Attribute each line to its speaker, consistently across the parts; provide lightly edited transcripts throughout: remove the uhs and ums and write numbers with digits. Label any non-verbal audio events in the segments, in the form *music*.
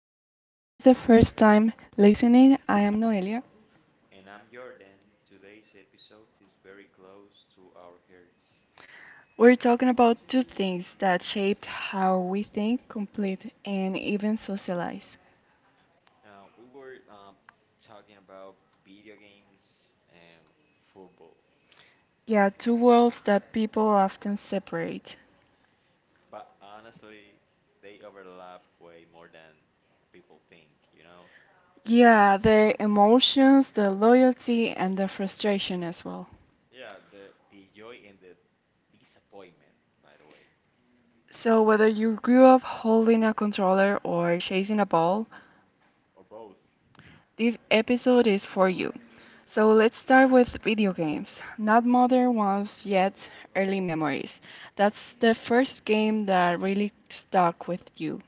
Speaker 1: everyone. If this is the first time listening, I am Noelia.
Speaker 2: And I'm Jordan. Today's episode is very close to our hearts.
Speaker 1: We're talking about two things that shaped how we think, complete, and even socialize.
Speaker 2: We were talking about video games and football,
Speaker 1: Yeah, two worlds that people often separate.
Speaker 2: but honestly, they overlap way more than people think, you know?
Speaker 1: Yeah, the emotions, the loyalty, and the frustration as well.
Speaker 2: Yeah, the joy and the disappointment, by the way,
Speaker 1: So, whether you grew up holding a controller or chasing a ball,
Speaker 2: or both.
Speaker 1: this episode is for you. So let's start with video games. Not modern ones yet, early memories. That's the first game that really stuck with you.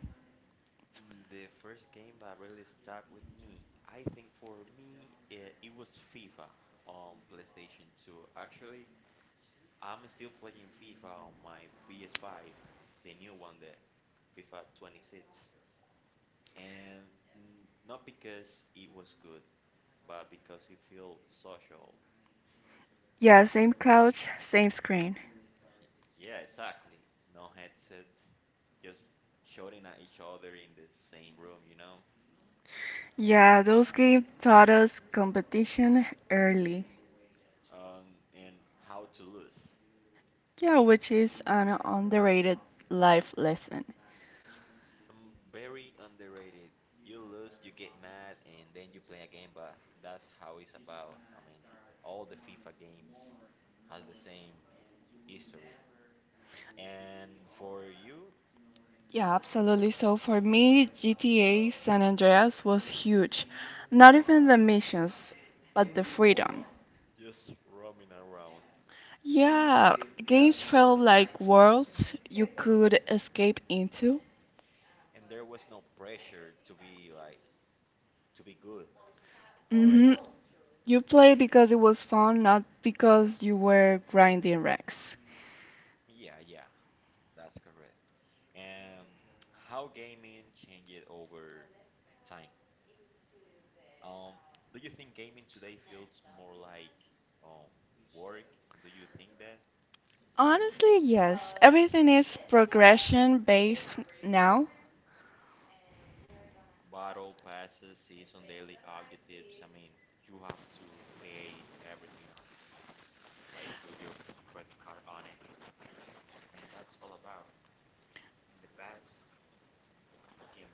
Speaker 2: The first game that really stuck with me, I think. For me, it was FIFA on PlayStation 2. Actually, I'm still playing FIFA on my PS5, the new one, the FIFA 26, and not because it was good, but because it felt social.
Speaker 1: Yeah, same couch, same screen.
Speaker 2: Yeah, exactly. No headsets, just shouting at each other in the same room, you know?
Speaker 1: Yeah, those games taught us competition early.
Speaker 2: And how to lose.
Speaker 1: Yeah, which is an underrated life lesson.
Speaker 2: Very underrated. You lose, you get mad, and then you play again, but that's how it's about. I mean, all the FIFA games has the same history. And for you,
Speaker 1: Yeah, absolutely. So for me, GTA San Andreas was huge. Not even the missions, but the freedom.
Speaker 2: just roaming around.
Speaker 1: Yeah, games felt like worlds you could escape into.
Speaker 2: And there was no pressure to be like, to be good,
Speaker 1: hmm
Speaker 2: great.
Speaker 1: You played because it was fun, not because you were grinding wrecks.
Speaker 2: Yeah, yeah, that's correct. And how gaming changed over time. Um, do you think gaming today feels more like um, work? Do you think that
Speaker 1: Honestly, yes. Everything is progression based now.
Speaker 2: battle passes, season daily objectives? I mean, you have to pay everything, like with your credit card on it. That's all about the past.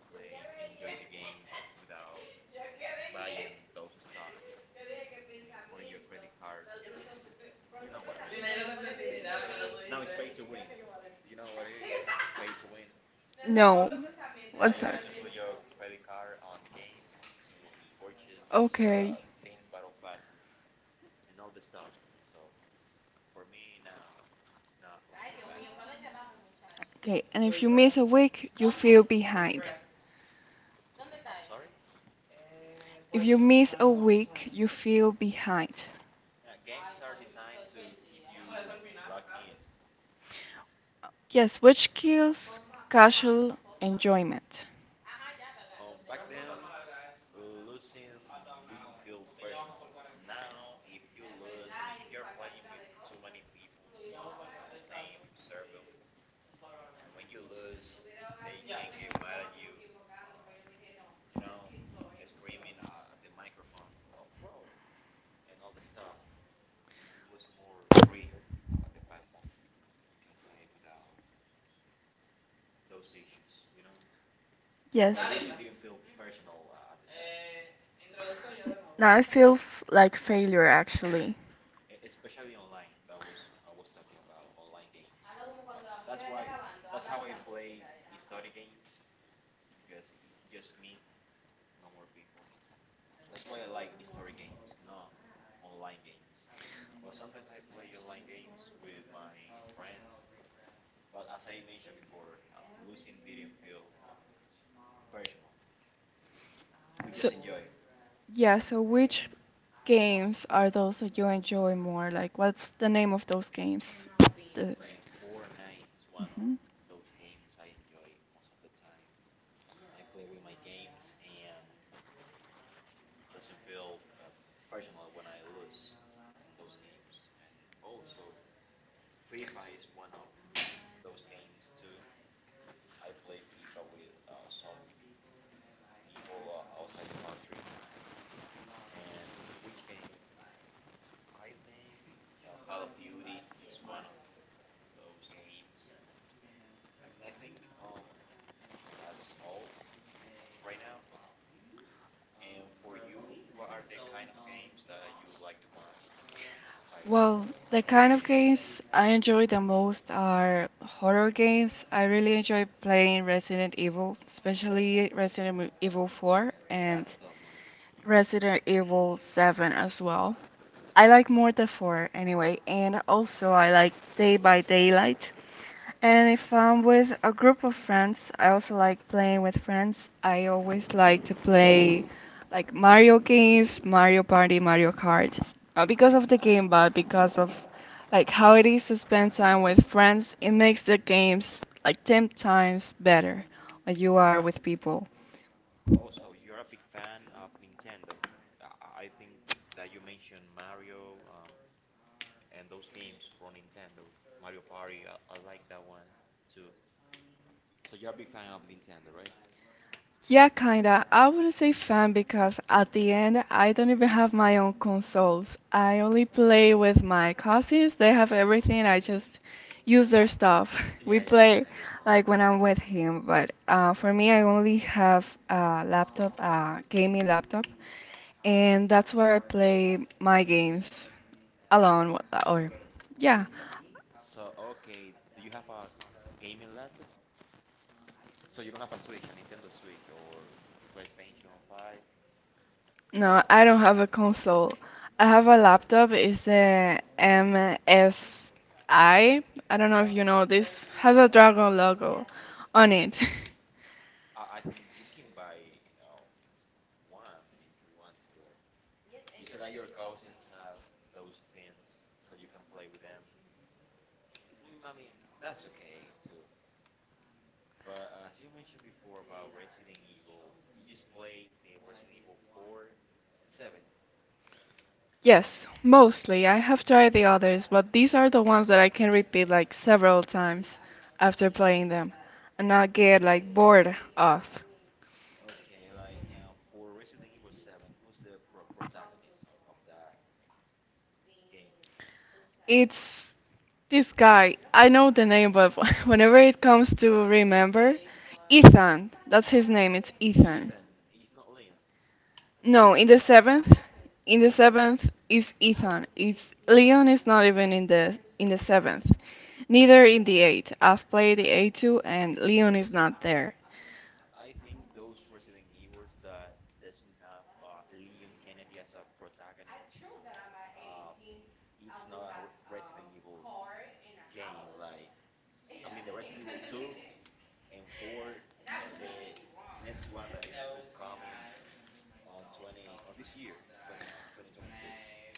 Speaker 2: Can play, enjoy the games without buying those stuff and putting your credit card. You know what I mean? Like now it's pay to win. You know what it is? Pay to win.
Speaker 1: No. What's
Speaker 2: But
Speaker 1: that?
Speaker 2: you have to put your credit card on the game to purchase
Speaker 1: Okay.
Speaker 2: things, battle passes, and all the stuff. So for me now, it's not like the best.
Speaker 1: Okay, and if you miss a week, you feel behind.
Speaker 2: I'm sorry.
Speaker 1: If you miss a week, you feel behind.
Speaker 2: Yeah, games are designed to keep you locked in.
Speaker 1: Yes, which kills casual enjoyment.
Speaker 2: Back then, losing didn't feel personal. Now, if you lose, I mean, if you're playing with too many people on the same server, and when you lose, they can get mad at you, um, you know, screaming at the microphone, oh, bro, and all the stuff. And it was more free at the past. You play without those issues.
Speaker 1: Yes.
Speaker 2: But losing didn't feel personal at the past.
Speaker 1: Now it feels like failure actually.
Speaker 2: Especially online. That was I was talking about online games. Well, that's how I play history games because just me, no more people. That's why I like history games, not online games. But sometimes I play online games with my friends. But as I mentioned before, losing didn't feel personal. We
Speaker 1: So,
Speaker 2: just enjoy it.
Speaker 1: yeah, so which games are those that you enjoy more? Like, what's the name of those games? The-
Speaker 2: I mean, Fortnite is one
Speaker 1: Mhm.
Speaker 2: of those games I enjoy most of the time. I play with my games and doesn't feel personal when I lose those games. And also, FIFA is one of those games too. I play FIFA with some people outside the country. And which game? I think Call of Duty is one of those games. And I think um, that's all right now. And for you, what are the kind of games that you like the most? I
Speaker 1: Well, the kind
Speaker 2: can,
Speaker 1: of
Speaker 2: I, you like,
Speaker 1: games I enjoy the most are horror games. I really enjoy playing Resident Evil, especially Resident Evil 4 and
Speaker 2: that's a tough one.
Speaker 1: Resident Evil 7 as well. I like Mortal 4 anyway, and also I like Day by Daylight. And if I'm with a group of friends, I also like playing with friends. I always like to play like Mario games, Mario Party, Mario Kart. Not because of the game, but because of like how it is to spend time with friends. It makes the games like 10 times better when you are with people.
Speaker 2: Oh, so you're a big fan of Nintendo. I think that you mentioned Mario and those games for Nintendo, Mario Party. I like that one too. So you're a big fan of Nintendo, right?
Speaker 1: Yeah, kinda. I wouldn't say fan because at the end I don't even have my own consoles. I only play with my cousins. They have everything. I just use their stuff. *laughs* We
Speaker 2: Yeah, yeah,
Speaker 1: play
Speaker 2: yeah, I
Speaker 1: like
Speaker 2: understand.
Speaker 1: when I'm with him, but for me I only have a laptop, a gaming laptop, and that's where I play my games alone or yeah.
Speaker 2: So, okay, do you have a gaming laptop? So you don't have a Switch, a Nintendo Switch or PlayStation 5?
Speaker 1: No,
Speaker 2: No,
Speaker 1: I don't have a console. I have a laptop. It's a MSI. I don't know if you know this. Has a dragon logo on it. *laughs*
Speaker 2: I think you can buy uh, one if you want, but you said that your cousins have those things, so you can play with them. I mean, that's okay too. But as you mentioned before about Resident Evil, you just played the Resident Evil 4 and 7.
Speaker 1: Yes,
Speaker 2: Eh,
Speaker 1: mostly. I have tried the others, but these are the ones that I can repeat like several times after playing them and not get like bored of.
Speaker 2: Okay, like for Resident Evil 7, who's the protagonist of the game?
Speaker 1: It's this guy. I know the name, but *laughs* whenever it comes to remember, Ethan. That's his name. It's Ethan.
Speaker 2: Ethan. He's not Leon
Speaker 1: No,
Speaker 2: Kennedy.
Speaker 1: in the
Speaker 2: The 7.
Speaker 1: seventh is Ethan. It's Leon is not even in the seventh, neither in the eighth. I've played the eight too, and Leon is not there.
Speaker 2: I think those Resident Evils that doesn't have Leon Kennedy as a protagonist, uh, it's not a Resident Evil game. Like, I mean, the Resident Evil 2 and four, and the next one that is upcoming on 20, on this year 20, 2026.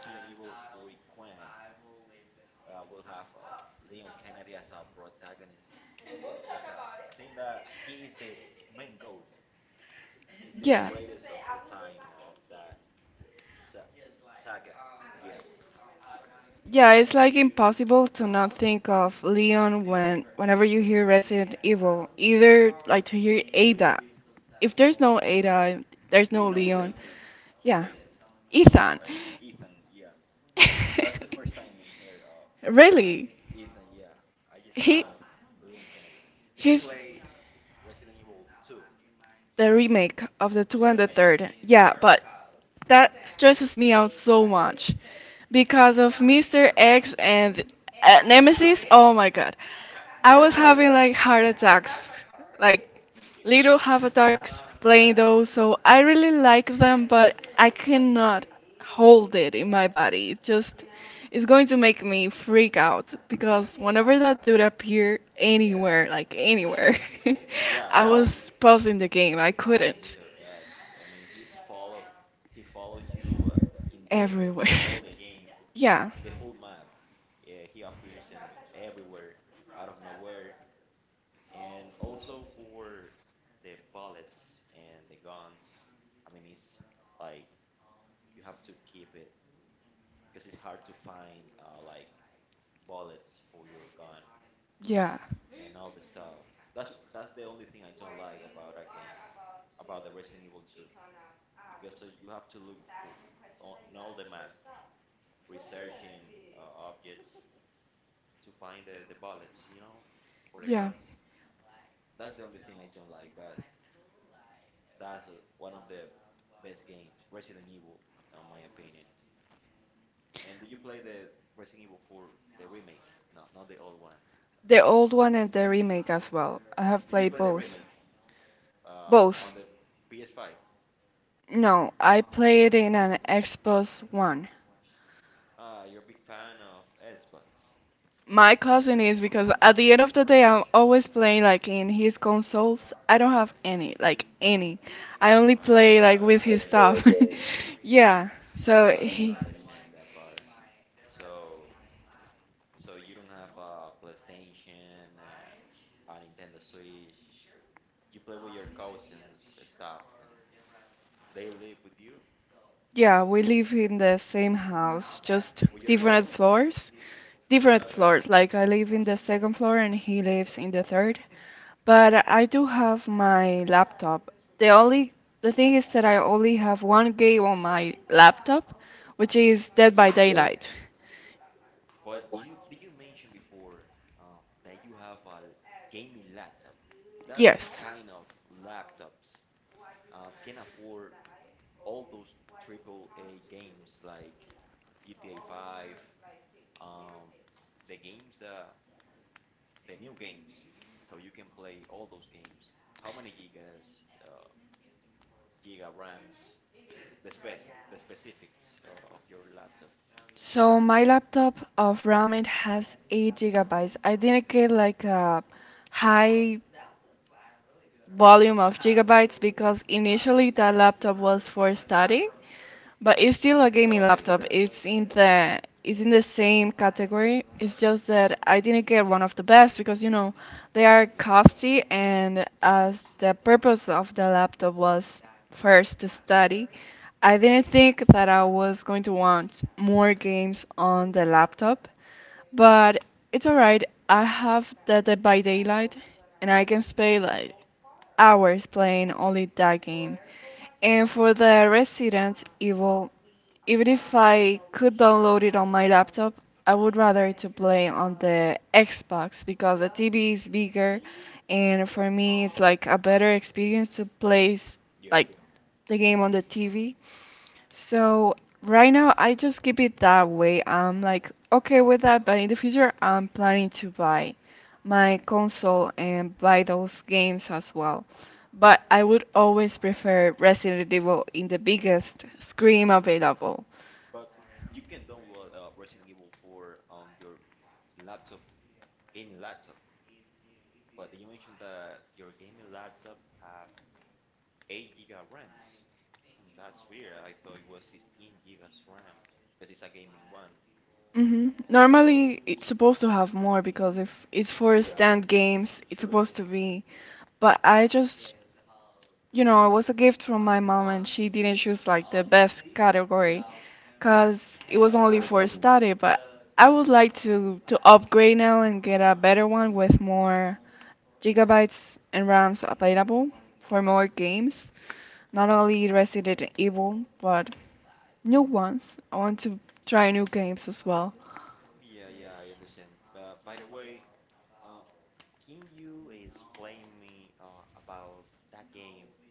Speaker 2: Resident Evil Requiem will have Leon Kennedy as a protagonist, because I think that he is the main GOAT. He's the
Speaker 1: Yeah,
Speaker 2: greatest of all time of that sa- saga, yeah,
Speaker 1: yeah. It's
Speaker 2: and
Speaker 1: like impossible to not think of Leon when whenever you hear Resident Evil. Either like to hear Ada. If there's no
Speaker 2: uh,
Speaker 1: Ada, there's no
Speaker 2: who knows
Speaker 1: Leon.
Speaker 2: Ethan? Who
Speaker 1: Yeah,
Speaker 2: Ethan?
Speaker 1: Ethan.
Speaker 2: Like Ethan, yeah. And that's the first
Speaker 1: *laughs*
Speaker 2: time in here,
Speaker 1: Really?
Speaker 2: Ethan, yeah. I just
Speaker 1: He
Speaker 2: know Leon Kennedy. Did you
Speaker 1: he's
Speaker 2: play Resident Evil 2,
Speaker 1: the remake of the two and
Speaker 2: the
Speaker 1: the
Speaker 2: remake?
Speaker 1: third. Yeah, but that stresses me out so much because of Mr. X and
Speaker 2: *laughs* Yeah.
Speaker 1: Nemesis. Oh my god. I was
Speaker 2: Yeah, yeah.
Speaker 1: having like heart attacks, like little heart attacks playing those. So I really like them, but I cannot hold it in my body. It's just, it's going to make me freak out because whenever that dude appeared anywhere, like anywhere, *laughs* I
Speaker 2: Yeah,
Speaker 1: was pausing the game. I couldn't.
Speaker 2: Mr. Eds. I mean, he's followed. He followed you in the
Speaker 1: Everywhere.
Speaker 2: all
Speaker 1: *laughs*
Speaker 2: the game,
Speaker 1: Yeah.
Speaker 2: in the whole map. Yeah, he appears in everywhere, out of nowhere, and also for the bullets and the guns. I mean, it's like you have to keep it because it's hard to find like bullets for your gun
Speaker 1: Yeah,
Speaker 2: and all the stuff. That's the only thing I don't like about a game, about the Resident Evil 2, because you have to look for on all the map, researching objects to find the bullets, for the
Speaker 1: yeah.
Speaker 2: guns. That's the only thing I don't like, but that's one of the best games, Resident Evil, in my opinion. And did you play the Resident Evil 4, the remake? No, not the old one.
Speaker 1: The old one and the remake as well. I have
Speaker 2: Did you
Speaker 1: played
Speaker 2: play the
Speaker 1: both.
Speaker 2: remake
Speaker 1: Both.
Speaker 2: on the PS5?
Speaker 1: No, I played in an Xbox One.
Speaker 2: Ah, you're a big fan of Xbox.
Speaker 1: My cousin is because at the end of the day, I'm always playing like in his consoles. I don't have any, like any. I only
Speaker 2: Ah,
Speaker 1: play like
Speaker 2: *laughs*
Speaker 1: with his
Speaker 2: okay,
Speaker 1: stuff.
Speaker 2: okay.
Speaker 1: *laughs* Yeah, so
Speaker 2: Oh,
Speaker 1: he,
Speaker 2: I understand that part. So, so you don't have a PlayStation, a Nintendo Switch. You play with your cousins and stuff, and they live with you,
Speaker 1: yeah, we live in the same house, just
Speaker 2: with your
Speaker 1: different
Speaker 2: cousins.
Speaker 1: floors. Different
Speaker 2: Okay,
Speaker 1: floors. Like I live in the second floor and he lives in the third. But I do have my laptop. The only the thing is that I only have one game on my laptop, which is Dead by
Speaker 2: yeah.
Speaker 1: Daylight.
Speaker 2: But you did you mention before that you have a gaming laptop? That
Speaker 1: Yes.
Speaker 2: kind of laptops can afford all those triple A games like GTA 5, um, the games that the new games, so you can play all those games. How many gigas, giga RAMs, the space, the specifics of your laptop?
Speaker 1: So my laptop of RAM it has 8 gigabytes. I didn't get like a high volume of gigabytes because initially that laptop was for study, but it's still a gaming
Speaker 2: Okay.
Speaker 1: laptop. It's in the same category. It's just that I didn't get one of the best because you know they are
Speaker 2: Yeah,
Speaker 1: costly and as the purpose of the laptop was first to study, I didn't think that I was going to want more games on the laptop. But it's alright. I have the Dead by Daylight, and I can play like hours playing only that game. And for the Resident Evil, even if I could download it on my laptop, I would rather to play on the Xbox because the TV is bigger, and for me it's like a better experience to
Speaker 2: yeah.
Speaker 1: like the game on the TV. So right now I just keep it that way. I'm like okay with that, but in the future I'm planning to buy my console and buy those games as well. But I would always prefer Resident Evil in the biggest screen available.
Speaker 2: But you can download Resident Evil 4 on your laptop, gaming laptop. But you mentioned that your gaming laptop have 8 giga RAMs. That's weird. I thought it was 16 gigas RAM because it's a gaming one. So
Speaker 1: Normally it's supposed to have more because if it's for
Speaker 2: yeah,
Speaker 1: stand games, it's
Speaker 2: sure.
Speaker 1: supposed to be But I just, you know, it was a gift from my mom and she didn't choose like the best category because it was only
Speaker 2: Okay,
Speaker 1: for
Speaker 2: okay.
Speaker 1: study. But I would like to upgrade now and get a better one with more gigabytes and RAMs available for more games. Not only Resident Evil, but new ones. I want to try new games as well.
Speaker 2: Yeah, yeah, I understand. By the way, um, can you explain me about that game?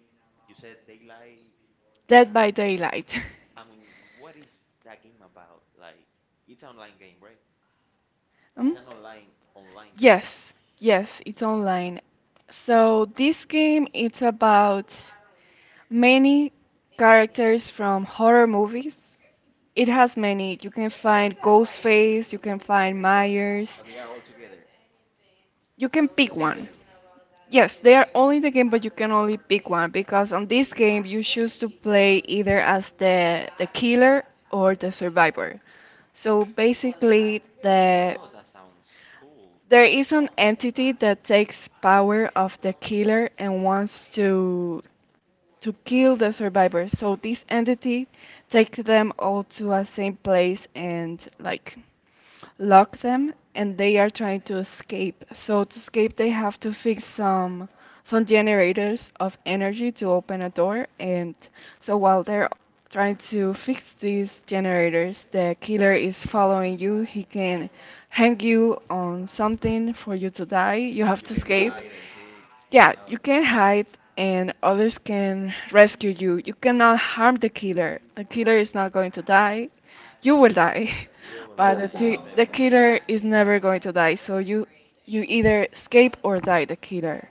Speaker 2: You said Daylight.
Speaker 1: Dead
Speaker 2: Can,
Speaker 1: by Daylight. *laughs*
Speaker 2: I mean, what is that game about? Like, it's an online game, right?
Speaker 1: Um,
Speaker 2: It's an online game.
Speaker 1: yes, yes, it's online. So this game it's about many characters from horror movies. It has many. You can find Ghostface, you can find Myers.
Speaker 2: They are all together,
Speaker 1: You can pick
Speaker 2: the same
Speaker 1: one.
Speaker 2: game.
Speaker 1: Yes, they are all in the game, but you can only pick one because on this game you choose to play either as the killer or the survivor. So basically, the
Speaker 2: Oh, that sounds cool.
Speaker 1: there is an entity that takes power of the killer and wants to kill the survivors. So this entity takes them all to a same place and like lock them and they are trying to escape. So to escape they have to fix some generators of energy to open a door and so while they're trying to
Speaker 2: Uh,
Speaker 1: fix these generators, the killer is following you. He can hang you on something for you to die. You have
Speaker 2: and
Speaker 1: to
Speaker 2: you can
Speaker 1: escape,
Speaker 2: hide and seek
Speaker 1: yeah,
Speaker 2: and
Speaker 1: you
Speaker 2: all that.
Speaker 1: can hide and others can rescue you. You cannot harm the killer. The killer is not going to die. You will die. *laughs*
Speaker 2: You will
Speaker 1: But the,
Speaker 2: die,
Speaker 1: t-
Speaker 2: yeah,
Speaker 1: the
Speaker 2: definitely.
Speaker 1: killer is never going to die. So you either escape or die the killer.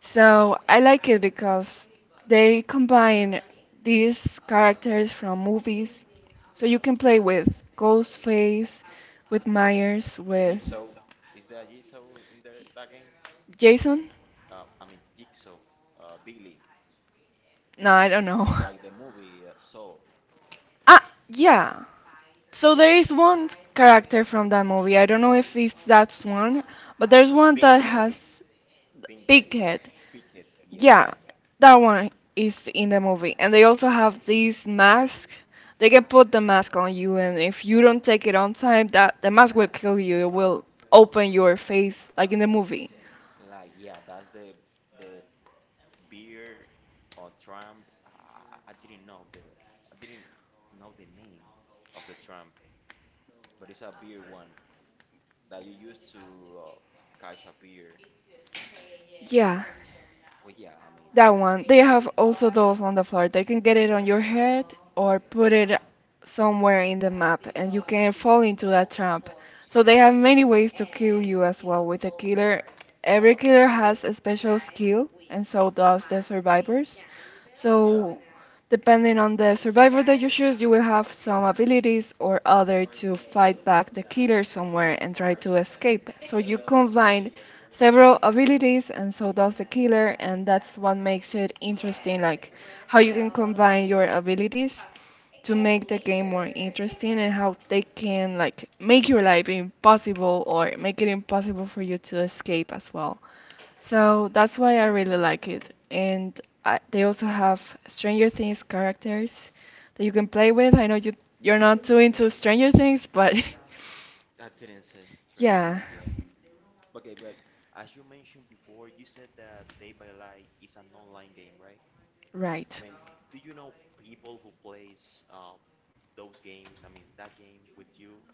Speaker 1: So I like it because they combine these characters from movies. So you can play with Ghostface, with Myers, with
Speaker 2: Jigsaw, is there a Jigsaw in there, that game?
Speaker 1: Jason.
Speaker 2: I mean Jigsaw, Billy,
Speaker 1: No, I don't know. *laughs*
Speaker 2: like the movie Saw,
Speaker 1: Ah, yeah. So there
Speaker 2: yeah.
Speaker 1: is one character from that movie. I don't know if it's that one, but there's one that
Speaker 2: Pinhead,
Speaker 1: has big
Speaker 2: Pinhead,
Speaker 1: head.
Speaker 2: Pighead, yeah,
Speaker 1: Yeah,
Speaker 2: yeah.
Speaker 1: that one is in the movie. And they also
Speaker 2: Big.
Speaker 1: have these masks. They can put the mask on you, and if you don't take it on time, that the mask will kill you. It will open your face, like in the movie.
Speaker 2: Like yeah, that's the the beer or Trump. I didn't know the name of the Trump, but it's a beer one that you use to catch a beer.
Speaker 1: Yeah.
Speaker 2: But yeah, I mean,
Speaker 1: That one. They have also those on the floor. They can get it on your head or put it somewhere in the map, and you can fall into that trap. So they have many ways to kill you as well with a killer. Every killer has a special skill, and so does the survivors.
Speaker 2: yeah,
Speaker 1: So depending on the survivor that you choose, you will have some abilities or other to fight back the killer somewhere and try to escape. So you combine several abilities, and so does the killer, and that's what makes it interesting, like how you can combine your abilities to make the game more interesting and how they can like make your life impossible or make it impossible for you to escape as well. So that's why I really like it. And I, they also have Stranger Things characters that you can play with. I know you're not too into Stranger Things, but
Speaker 2: I didn't say
Speaker 1: *laughs*
Speaker 2: Stranger
Speaker 1: yeah,
Speaker 2: Things, yeah. Okay, but as you mentioned before, you said that Day by Light is an online game, right?
Speaker 1: right.
Speaker 2: I mean, do you know people who plays those games? I mean, that game with you?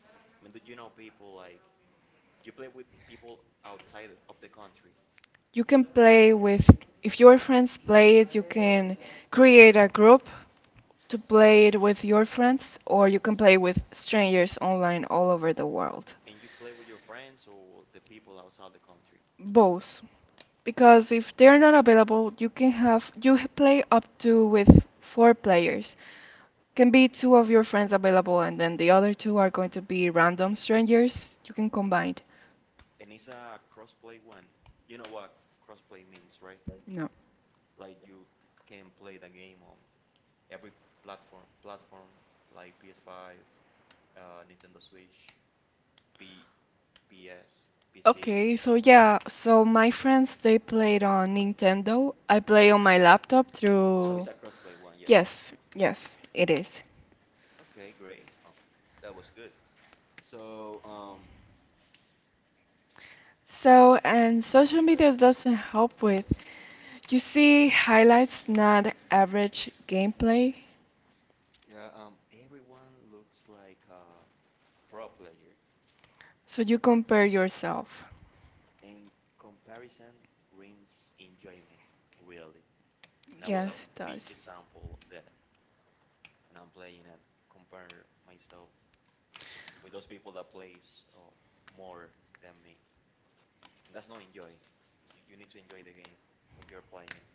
Speaker 2: I mean, do you know people like, you play with people outside of the country
Speaker 1: You can play with, if your friends play it, you can create a group to play it with your friends, or you can play with strangers online all over the world.
Speaker 2: and you play with your friends or the people outside the country?
Speaker 1: Both. Because if they're not available, you can have, play up to with four players. Can be two of your friends available, and then the other two are going to be random strangers. You can combine.
Speaker 2: And it's a crossplay one. You know what crossplay means, right?
Speaker 1: No.
Speaker 2: Like you can play the game on every platform like PS5, Nintendo Switch. P, PS, PC.
Speaker 1: Okay, so yeah, so my friends they played on Nintendo. I play on my laptop
Speaker 2: So
Speaker 1: through.
Speaker 2: it's a crossplay one, yeah.
Speaker 1: Yes, yes, it is.
Speaker 2: Okay, great. That was good. So,
Speaker 1: So, and social media doesn't help with. You see highlights, not average gameplay.
Speaker 2: yeah, everyone looks like a pro player.
Speaker 1: So you compare yourself.
Speaker 2: In comparison, wins enjoyment, really. And that was a
Speaker 1: Yes, it
Speaker 2: big
Speaker 1: does.
Speaker 2: example of that. And I'm playing and compare myself with those people that plays more than me. And that's not enjoy. You need to enjoy the game when you're playing.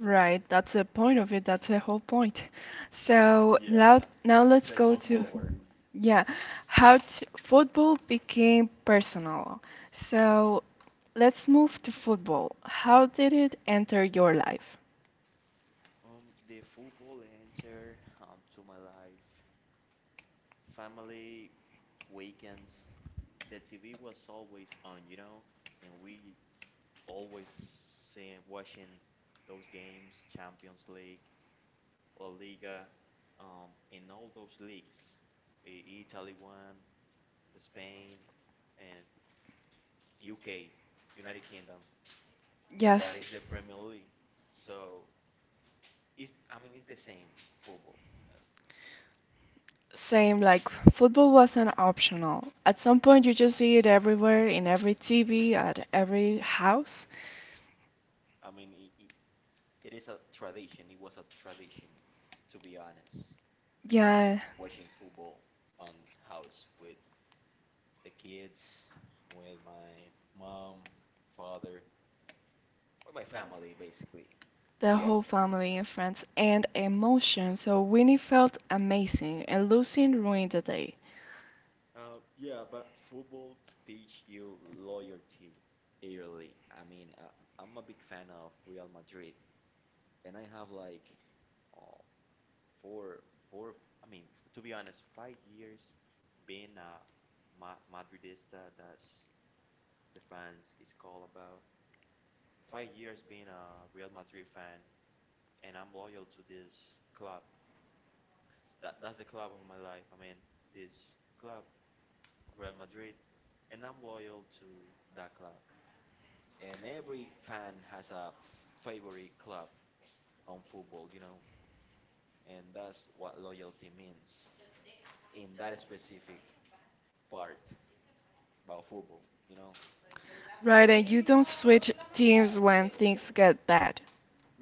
Speaker 1: Right, that's the point of it. That's the whole point. So
Speaker 2: Yeah,
Speaker 1: now let's
Speaker 2: *laughs* let's
Speaker 1: go
Speaker 2: move
Speaker 1: to,
Speaker 2: forward.
Speaker 1: yeah, how to, football became personal. So let's move to football. How did it enter your life?
Speaker 2: The football entered to my life. Family, weekends, the TV was always on, and we always watching those games, Champions League, La Liga, in all those leagues, Italy one, the Spain, and UK, United Kingdom, and
Speaker 1: Yes,
Speaker 2: that is the Premier League. So it's, I mean, it's the same football.
Speaker 1: same. Like football wasn't optional. At some point, you just see it everywhere, in every TV, at every house.
Speaker 2: I mean, it is a tradition. It was a tradition, to be honest. Um,
Speaker 1: Yeah,
Speaker 2: Watching football on house with the kids, with my mom, father, with my family, basically.
Speaker 1: the
Speaker 2: Yeah.
Speaker 1: whole family and friends and emotion. So Winnie felt amazing and Lucien ruined the day.
Speaker 2: Yeah, but football teach you loyalty early. I mean, I'm a big fan of Real Madrid, and I have like uh, four, four. I mean, to be honest, 5 years being a Ma Madridista. That's the fans is all about. 5 years being a Real Madrid fan, and I'm loyal to this club. That's the club of my life. I mean, this club, Real Madrid, and I'm loyal to that club. And every fan has a favorite club on football, and that's what loyalty means in that specific part about football.
Speaker 1: Right, and you don't switch teams when things get bad.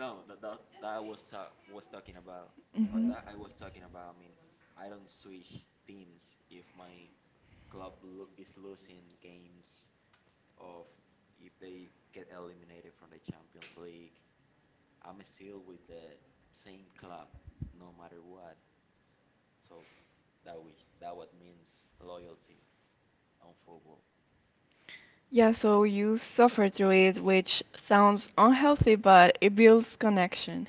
Speaker 2: No, that I was talking about, that I was talking about. I mean, I don't switch teams if my club lo is losing games of if they get eliminated from the Champions League. I'm still with the same club no matter what. So that what means loyalty on football.
Speaker 1: Yeah, so you suffer through it, which sounds unhealthy, but it builds connection.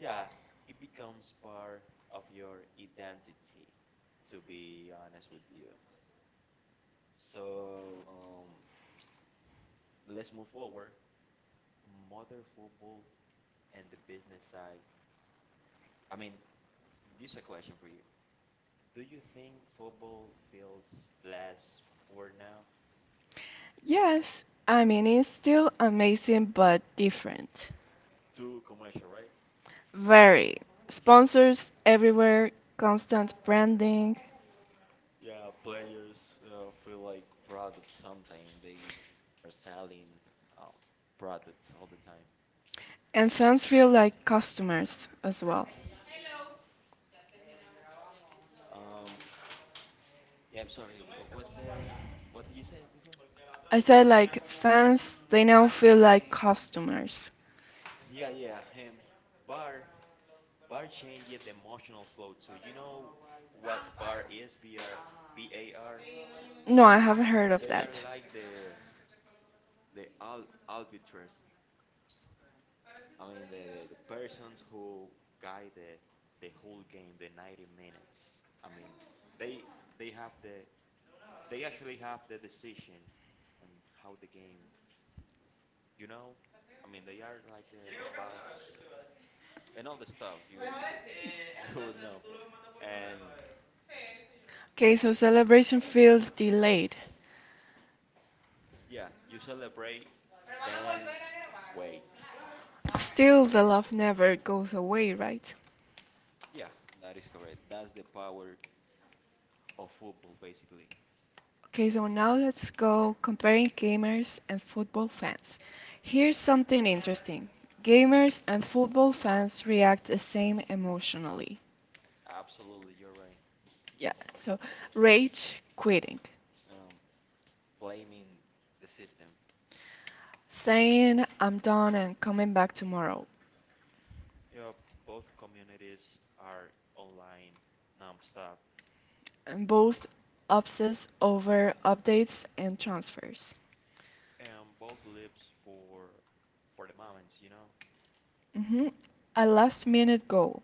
Speaker 2: Yeah, it becomes part of your identity, to be honest with you. So, let's move forward. Mother football and the business side. I mean, this is a question for you. Do you think football feels less poor now?
Speaker 1: Yes, I mean, it's still amazing but different.
Speaker 2: Too commercial, right?
Speaker 1: Very. Sponsors everywhere, constant branding,
Speaker 2: Yeah, players feel like products sometimes they are selling um, products all the time.
Speaker 1: and fans feel like customers as well.
Speaker 2: Um, yeah, I'm sorry. What did you say before?
Speaker 1: I said like fans, they now feel like customers.
Speaker 2: Yeah, yeah, him. Bar bar changed the emotional flow too. You know what bar is? BAR.
Speaker 1: No, I haven't heard of
Speaker 2: They are
Speaker 1: that.
Speaker 2: like the al arbiters. I mean the persons who guide the whole game, the 90 minutes. I mean they they have the they actually have the decision on how the game, you know? I mean they are like the boss and all the stuff you *laughs* you will know. And,
Speaker 1: Okay, so celebration feels delayed.
Speaker 2: yeah, you celebrate, then wait.
Speaker 1: Still, the love never goes away, right?
Speaker 2: Yeah, that is correct. That's the power of football, basically.
Speaker 1: Okay, so now let's go comparing gamers and football fans. Here's something interesting. Gamers and football fans react the same emotionally.
Speaker 2: Absolutely, you're right.
Speaker 1: Yeah, so rage quitting,
Speaker 2: Um, Blaming the system.
Speaker 1: saying I'm done and coming back tomorrow.
Speaker 2: Yeah, both communities are online nonstop,
Speaker 1: And both obsess over updates and transfers.
Speaker 2: and both lives for the moments,
Speaker 1: Hmm. A last minute goal.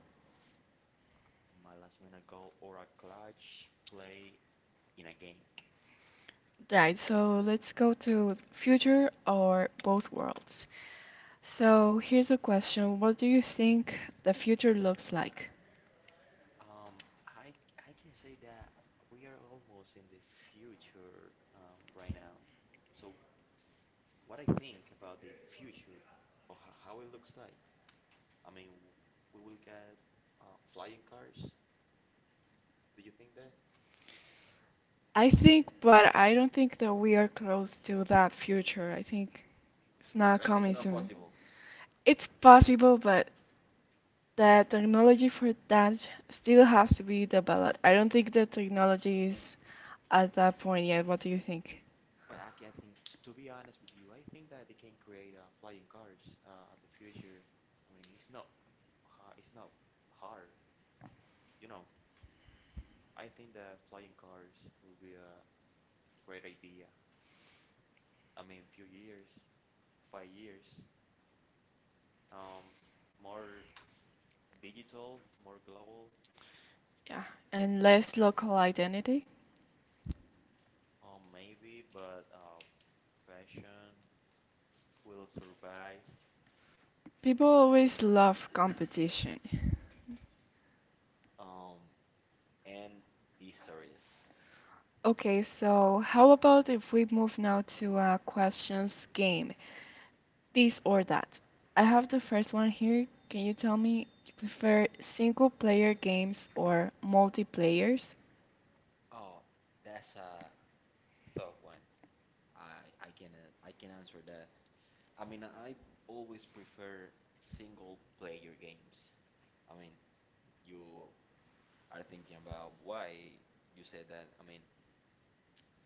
Speaker 2: my last minute goal or a clutch play in a game.
Speaker 1: Right, so let's go to future or both worlds. So here's a question. What do you think the future looks like?
Speaker 2: Um, I I can say that we are almost in the future right now. So what I think about the future or how it looks like, I mean, we will get flying cars. Do you think that?
Speaker 1: I think, but I don't think that we are close to that future. I think it's not
Speaker 2: Like it's
Speaker 1: coming
Speaker 2: not
Speaker 1: soon.
Speaker 2: possible.
Speaker 1: It's possible, but the technology for that still has to be developed. I don't think the technology is at that point yet. What do you think?
Speaker 2: But I, ca- I think, t- to be honest with you, I think that they can create flying cars in the future. I mean, it's not hard, you know. I think the flying cars will be a great idea. I mean, few years, 5 years, um, more digital, more global,
Speaker 1: Yeah. And less local identity.
Speaker 2: maybe, but fashion will survive,
Speaker 1: People always love competition.
Speaker 2: um, and histories.
Speaker 1: Okay, so how about if we move now to a questions game? This or that. I have the first one here. Can you tell me you prefer single player games or multiplayers?
Speaker 2: Oh, that's a thought one. I can answer that. I mean, I always prefer single player games. I mean, you are thinking about why you said that. I mean,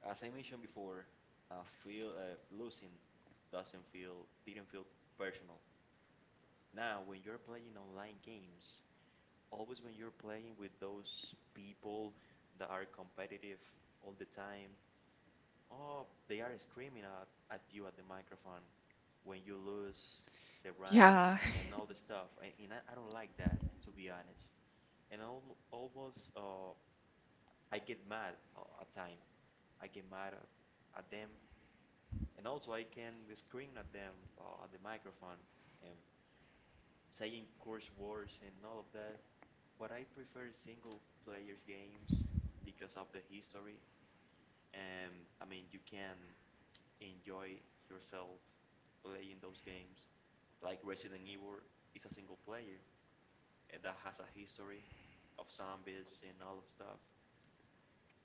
Speaker 2: as I mentioned before, feel losing doesn't feel didn't feel personal. Now, when you're playing online games, always when you're playing with those people that are competitive all the time, oh, they are screaming at you at the microphone. When you lose the rank
Speaker 1: Yeah.
Speaker 2: and all the stuff. And I don't like that, to be honest. And al almost, I get mad at time. I get mad at them, and also I can scream at them at the microphone, um, saying curse words and all of that. But I prefer single players games because of the history. I mean, you can enjoy yourself playing those games, like Resident Evil is a single player that has a history of zombies and all of stuff.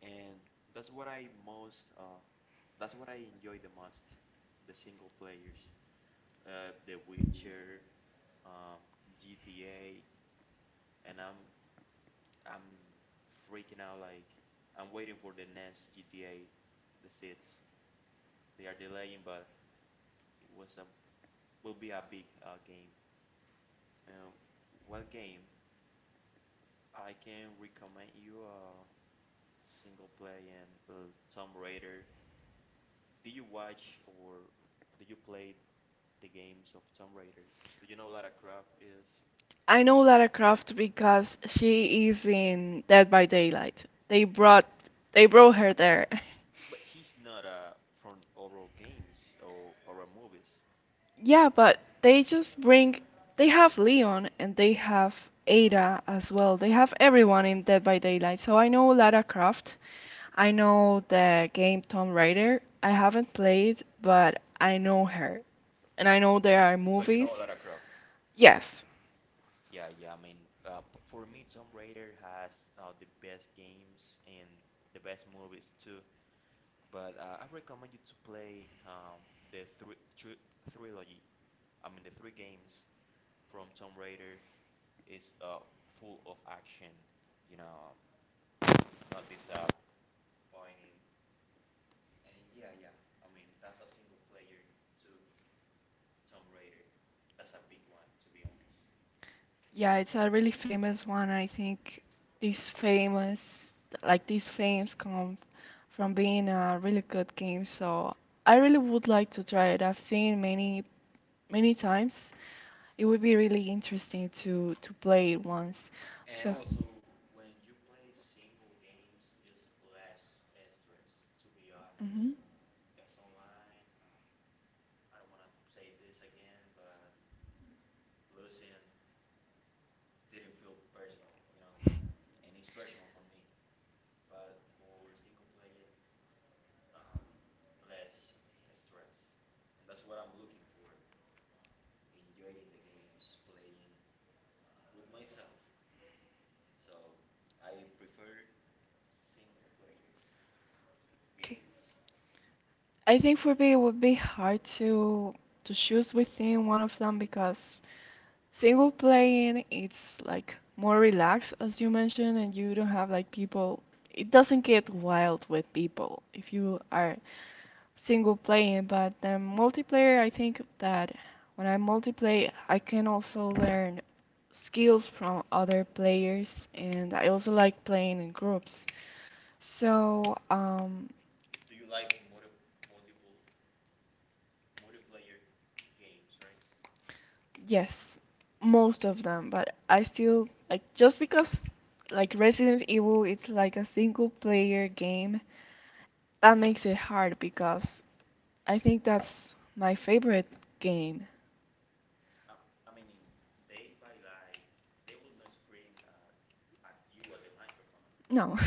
Speaker 2: And that's what I most, uh, that's what I enjoy the most, the single players, The Witcher, um, GTA, and I'm freaking out like I'm waiting for the next GTA, the sits. They are delaying, but it was a will be a big game. Uh, what game? I can recommend you a single play, and Tomb Raider. Do you watch or do you play the games of Tomb Raider? Do you know Lara Croft is?
Speaker 1: I know Lara Croft because she is in Dead by Daylight. They brought her
Speaker 2: But
Speaker 1: there. *laughs*
Speaker 2: but she's not from horror games or horror movies.
Speaker 1: Yeah, but they just bring they have Leon and they have Ada as well. They have everyone in Dead by Daylight. So I know Lara Croft. I know the game Tomb Raider. I haven't played, but I know her. And I know there are
Speaker 2: So you know
Speaker 1: movies.
Speaker 2: Lara Croft.
Speaker 1: Yes.
Speaker 2: Yeah, yeah. I mean, for me, Tomb Raider has the best games and the best movies too. But I recommend you to play the three tr trilogy. I mean, the three games from Tomb Raider is full of action. You know, it's not this
Speaker 1: Yeah, it's a really famous one. I think these famous, like these fames come from being a really good game. So I really would like to try it. I've seen many, many times. It would be really interesting to play it once. So mhm. Okay. I think for me it would be hard to choose within one of them because single playing, it's like more relaxed, as you mentioned, and you don't have like people. It doesn't get wild with people if you are single playing, but the multiplayer, I think that when I multiplayer, I can also learn skills from other players, and I also like playing in groups. So, yes, most of them, but I still like just because like Resident Evil it's like a single player game, that makes it hard because I think that's my favorite game. No. *laughs*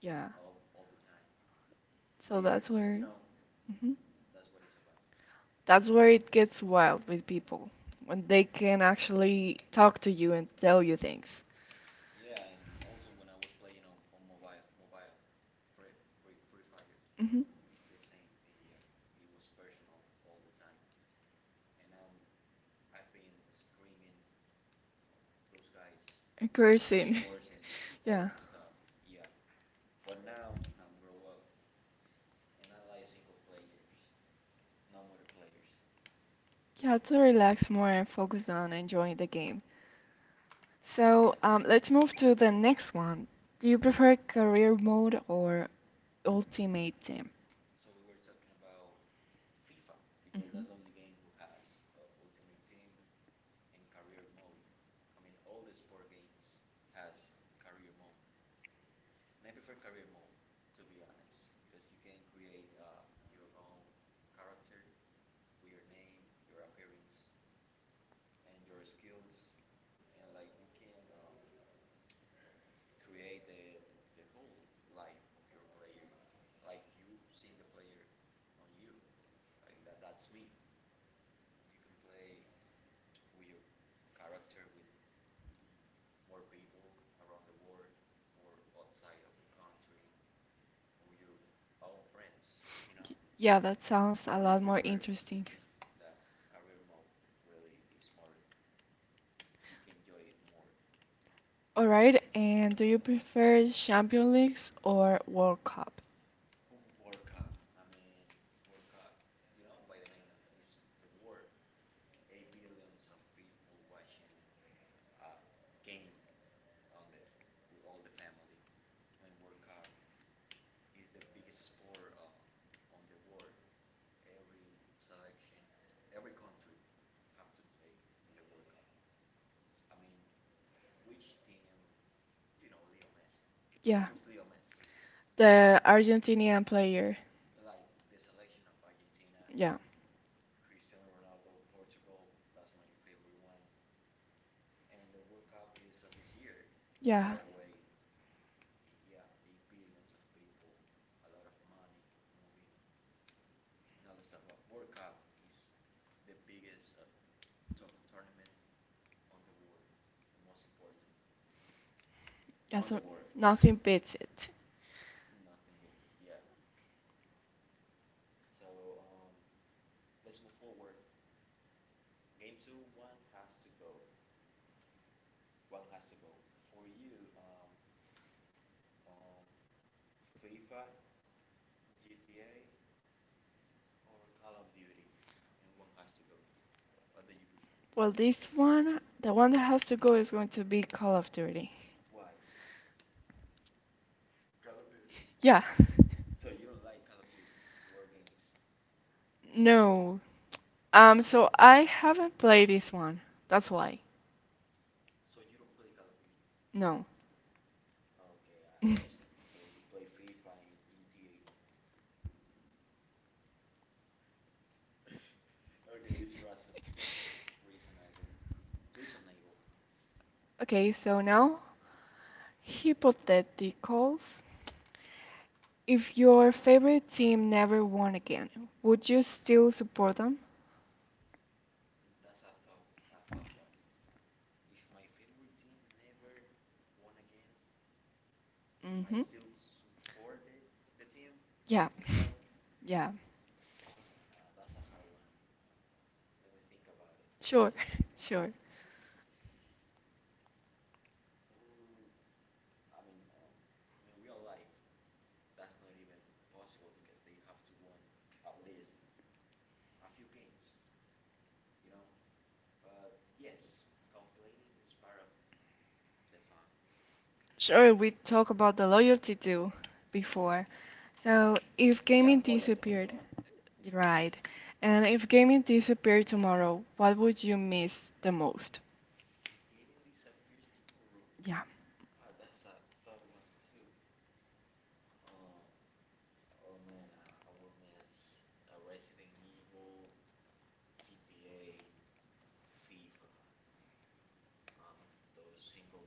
Speaker 1: Yeah. So that's where mhm. That's where it gets wild with people when they can actually talk to you and tell you things. Hmm. Cursing. *laughs* Yeah. Yeah, to relax more and focus on enjoying the game. So, let's move to the next one. Do you prefer career mode or ultimate team? Mhm. Yeah, that sounds a lot more interesting. All right, and do you prefer Champions Leagues or World Cup? Yeah, the Argentinian player. Yeah, yeah. That's what, nothing beats it. Well, this one, the one that has to go is going to be Call of Duty. Yeah. *laughs* No. So I haven't played this one. That's why. No. *laughs* Okay, so now, hypotheticals. If your favorite team never won again, would you still support them? Mm-hmm. Yeah. *laughs* Yeah. Sure. *laughs* Sure. Sure, we talked about the loyalty too before. So if gaming disappeared, right, and if gaming disappeared tomorrow, what would you miss the most? Yeah.
Speaker 2: Oh, oh man, I will miss Resident Evil, GTA, FIFA, uh, those single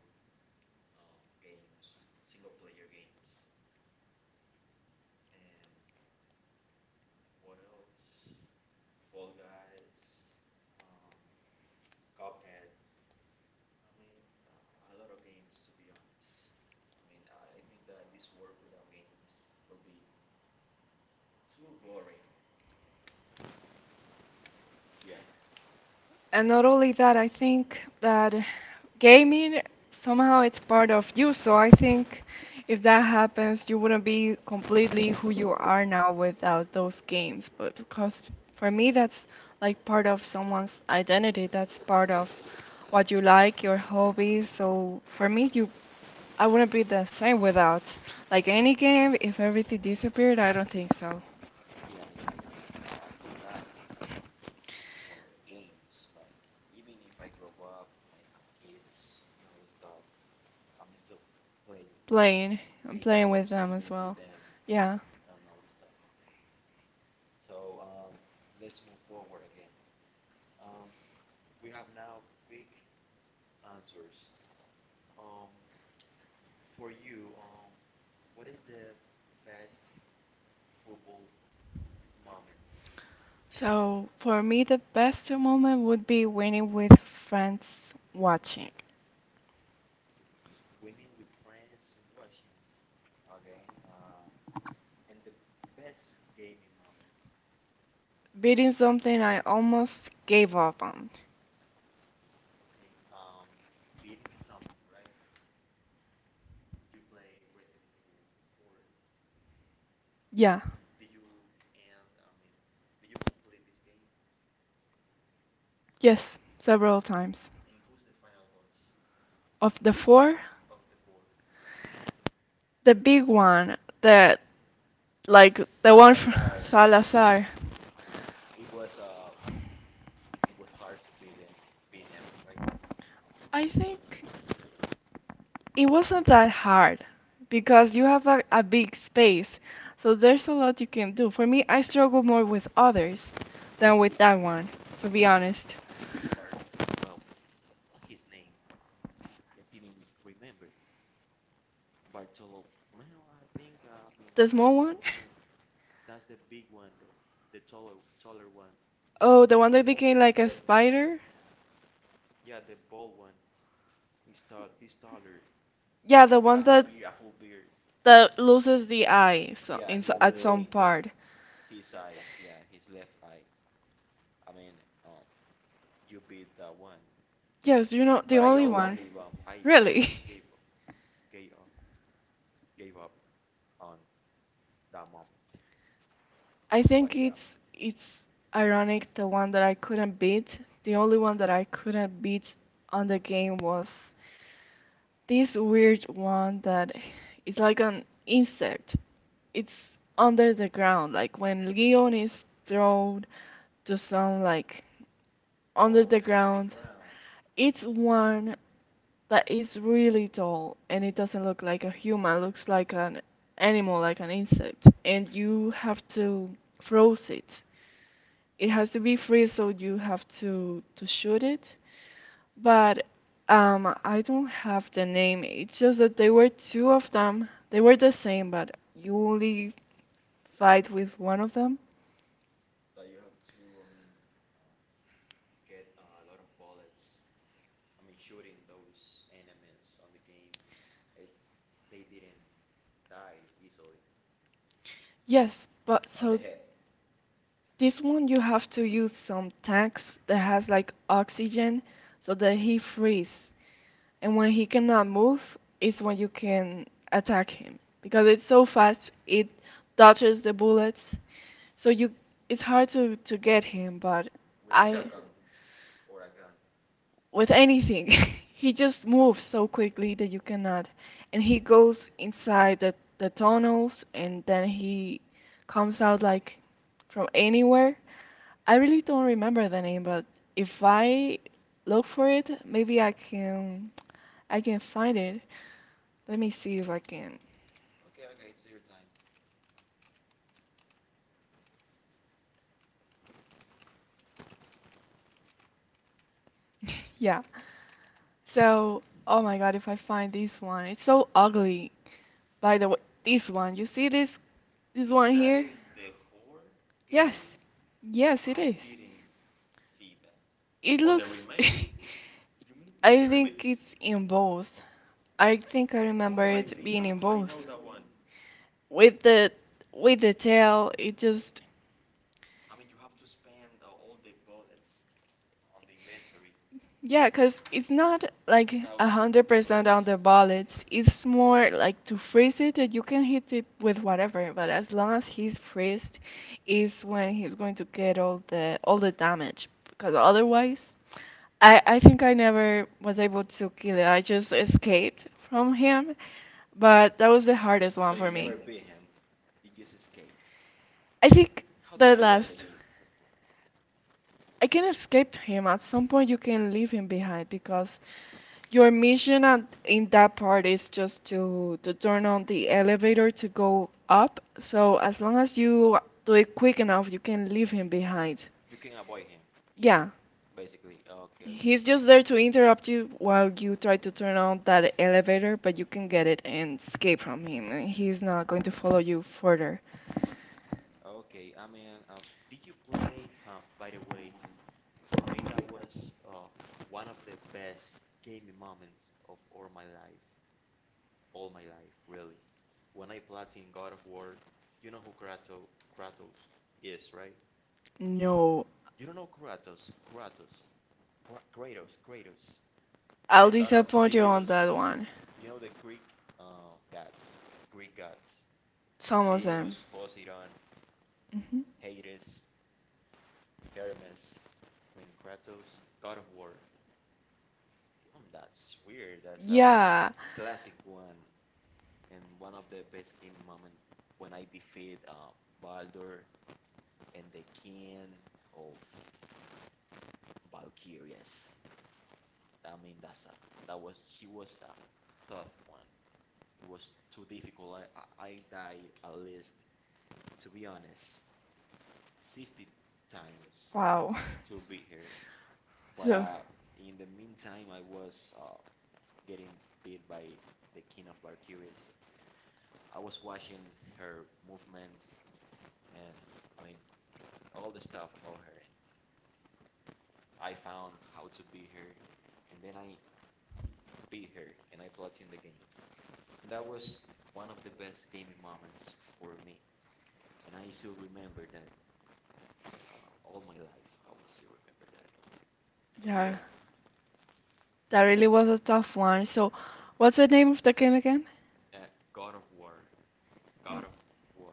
Speaker 2: uh, games, single player games. And what else? Fall Guys, um, Cuphead. I mean, a lot of games to be honest. I mean, I think that this world without games will be too boring. Yeah,
Speaker 1: And not only that, I think that gaming somehow it's part of you. So I think if that happens, you wouldn't be completely who you are now without those games. But because for me, that's like part of someone's identity. That's part of what you like, your hobbies. So for me, you I wouldn't be the same without like any game. If everything disappeared, I don't think so. Playing, I'm playing with them as well. Yeah. So for me, the best moment would be winning with friends watching,
Speaker 2: and the best game in my
Speaker 1: beating something I almost gave up on.
Speaker 2: um,
Speaker 1: Yeah, yes, several times. Of the four, the big one, the like the one from
Speaker 2: Salazar.
Speaker 1: *laughs* Salazar.
Speaker 2: It was uh it was hard to beat him, right.
Speaker 1: I think. It wasn't that hard because you have a big space, so there's a lot you can do. For me, I struggle more with others than with that one, to be honest.
Speaker 2: With Bart, well, what's his name, I didn't remember. Bartolo, well, I think I mean
Speaker 1: The
Speaker 2: I
Speaker 1: small one?
Speaker 2: don't
Speaker 1: *laughs*
Speaker 2: remember. That's the big one, the taller one.
Speaker 1: Oh, the one
Speaker 2: The
Speaker 1: that
Speaker 2: bo
Speaker 1: became like a
Speaker 2: the
Speaker 1: spider?
Speaker 2: yeah, the bald one. He's taller.
Speaker 1: Yeah, the one
Speaker 2: Has a
Speaker 1: that
Speaker 2: beard, a full beard.
Speaker 1: that loses the eye so
Speaker 2: Yeah,
Speaker 1: in,
Speaker 2: he
Speaker 1: so- at
Speaker 2: lose
Speaker 1: some
Speaker 2: he
Speaker 1: part.
Speaker 2: his eyes, yeah, his left eye. I mean, um you beat that one.
Speaker 1: Yes, you know, the
Speaker 2: But I
Speaker 1: only
Speaker 2: almost
Speaker 1: one.
Speaker 2: gave um I I
Speaker 1: Really?
Speaker 2: almost
Speaker 1: *laughs*
Speaker 2: gave uh, gave up on that moment.
Speaker 1: I
Speaker 2: But
Speaker 1: think
Speaker 2: yeah,
Speaker 1: it's ironic the one that I couldn't beat. The only one that I couldn't beat on the game was this weird one that is like an insect. It's under the ground. Like when Leon is thrown to some like under the
Speaker 2: under the
Speaker 1: ground,
Speaker 2: ground,
Speaker 1: it's one that is really tall and it doesn't look like a human, looks like an animal, like an insect, and you have to froze it. It has to be free, so you have to shoot it. But I don't have the name. It's just that there were two of them. They were the same, but you only fight with one of them.
Speaker 2: like you have to, I mean, get a lot of bullets. I mean, shooting those enemies on the game, it they didn't die easily
Speaker 1: Yes, but
Speaker 2: on the
Speaker 1: so
Speaker 2: head,
Speaker 1: this one you have to use some tanks that has like oxygen so that he frees and when he cannot move is when you can attack him because it's so fast it dodges the bullets so you it's hard to get him but
Speaker 2: with a
Speaker 1: I
Speaker 2: shotgun or a gun.
Speaker 1: with anything. *laughs* He just moves so quickly that you cannot. And he goes inside the tunnels and then he comes out like from anywhere. I really don't remember the name, but if I look for it, maybe I can find it. Let me see if I can.
Speaker 2: Okay, okay, it's your time.
Speaker 1: *laughs* Yeah. So, oh my God, if I find this one, it's so ugly. By the way, this one, you see this This
Speaker 2: Is
Speaker 1: one
Speaker 2: that in
Speaker 1: here?
Speaker 2: the four game?
Speaker 1: Yes. Yes, it
Speaker 2: I
Speaker 1: is.
Speaker 2: didn't see that.
Speaker 1: It
Speaker 2: On the
Speaker 1: looks.
Speaker 2: remake, you mean
Speaker 1: *laughs*
Speaker 2: in the
Speaker 1: I
Speaker 2: remake?
Speaker 1: think it's in both. I think I remember
Speaker 2: Oh, I
Speaker 1: it
Speaker 2: think
Speaker 1: being in
Speaker 2: I know
Speaker 1: both.
Speaker 2: that one.
Speaker 1: With the with the tail, it just.
Speaker 2: I mean, you have to spend all the bullets on the inventory,
Speaker 1: Yeah, cause it's not like a
Speaker 2: 1,000
Speaker 1: hundred percent on
Speaker 2: bullets,
Speaker 1: the bullets. It's more like to freeze it that you can hit it with whatever, but as long as he's freezed, is when he's going to get all the damage. Because otherwise, I think I never was able to kill it. I just escaped from him, but that was the hardest
Speaker 2: so
Speaker 1: one
Speaker 2: you
Speaker 1: for me.
Speaker 2: never beat him. You just escape.
Speaker 1: I think
Speaker 2: How do
Speaker 1: the
Speaker 2: you end the
Speaker 1: last.
Speaker 2: game?
Speaker 1: I can escape him. At some point, you can leave him behind because your mission at, in that part is just to turn on the elevator to go up. So as long as you do it quick enough, you can leave him behind.
Speaker 2: You can avoid him,
Speaker 1: Yeah,
Speaker 2: basically. Okay,
Speaker 1: he's just there to interrupt you while you try to turn on that elevator, but you can get it and escape from him. And he's not going to follow you further.
Speaker 2: okay. I mean, did you play? Huh, by the way, for me that was one of the best gaming moments of all my life, really. When I platinum God of War, you know who Kratos is, right?
Speaker 1: No,
Speaker 2: You don't know Kratos, the
Speaker 1: I'll
Speaker 2: son of
Speaker 1: disappoint you on
Speaker 2: Zeus.
Speaker 1: that one.
Speaker 2: You know the uh, gods, Greek gods,
Speaker 1: Some of them.
Speaker 2: Zeus, Poseidon,
Speaker 1: Mhm.
Speaker 2: Hades, Hermes, I mean Kratos, God of War. Hmm, that's weird. That's a
Speaker 1: Yeah.
Speaker 2: classic one, and one of the best game moment when I defeat Baldur and the king of Valkyries. I mean that's a, that was she was a tough one. It was too difficult. I died at least, to be honest, 60 times
Speaker 1: Wow. *laughs*
Speaker 2: to be here. But
Speaker 1: So, yeah,
Speaker 2: in the meantime, I was getting beat by the King of Valkyries. I was watching her movement, and I mean all the stuff about her. I found how to beat her, and then I beat her, and I platined the game. And that was one of the best gaming moments for me. And I still remember that uh, all my life. I will still remember that. But yeah,
Speaker 1: that really was a tough one. So, what's the name of the game again?
Speaker 2: uh, God of War, God
Speaker 1: Alright.
Speaker 2: of War.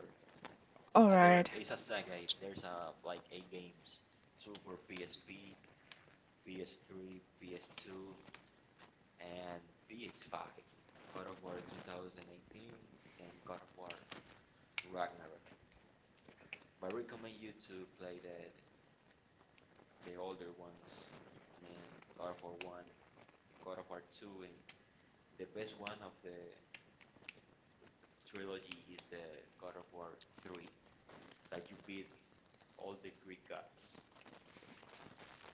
Speaker 2: There is a saga. Eh? There's a like eight games, two for PSP, PS3, PS2, and PS5. God of War 2018 and God of War Ragnarok. But I recommend you to play the older ones, and God of War 1, God of War 2, and the best one of the trilogy is the God of War 3, that you beat all the Greek gods,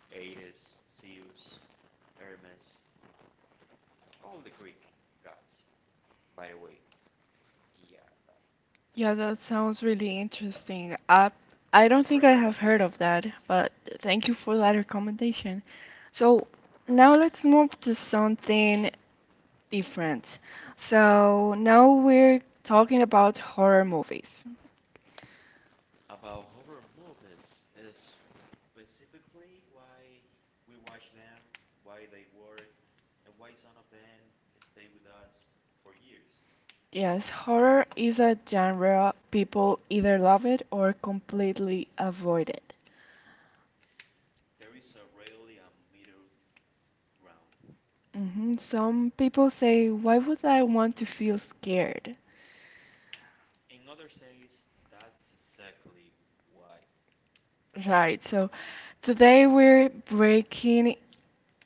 Speaker 2: Ares, Zeus, Hermes, all the Greek gods. By the way, yeah, no,
Speaker 1: Yeah, that sounds really interesting. I don't
Speaker 2: I
Speaker 1: think I
Speaker 2: recommend
Speaker 1: have
Speaker 2: you that.
Speaker 1: heard of that, but thank you for that recommendation. So now let's move to something different. So now we're talking about horror movies.
Speaker 2: About horror movies is specifically why we watch them, why they work, and why some of them stay with us for years.
Speaker 1: Yes, horror is a genre people either love it or completely avoid it.
Speaker 2: There is a rarely a middle ground.
Speaker 1: Hmm. Some people say, why would I want to feel scared?
Speaker 2: In other says that's exactly why.
Speaker 1: Right, so today we're breaking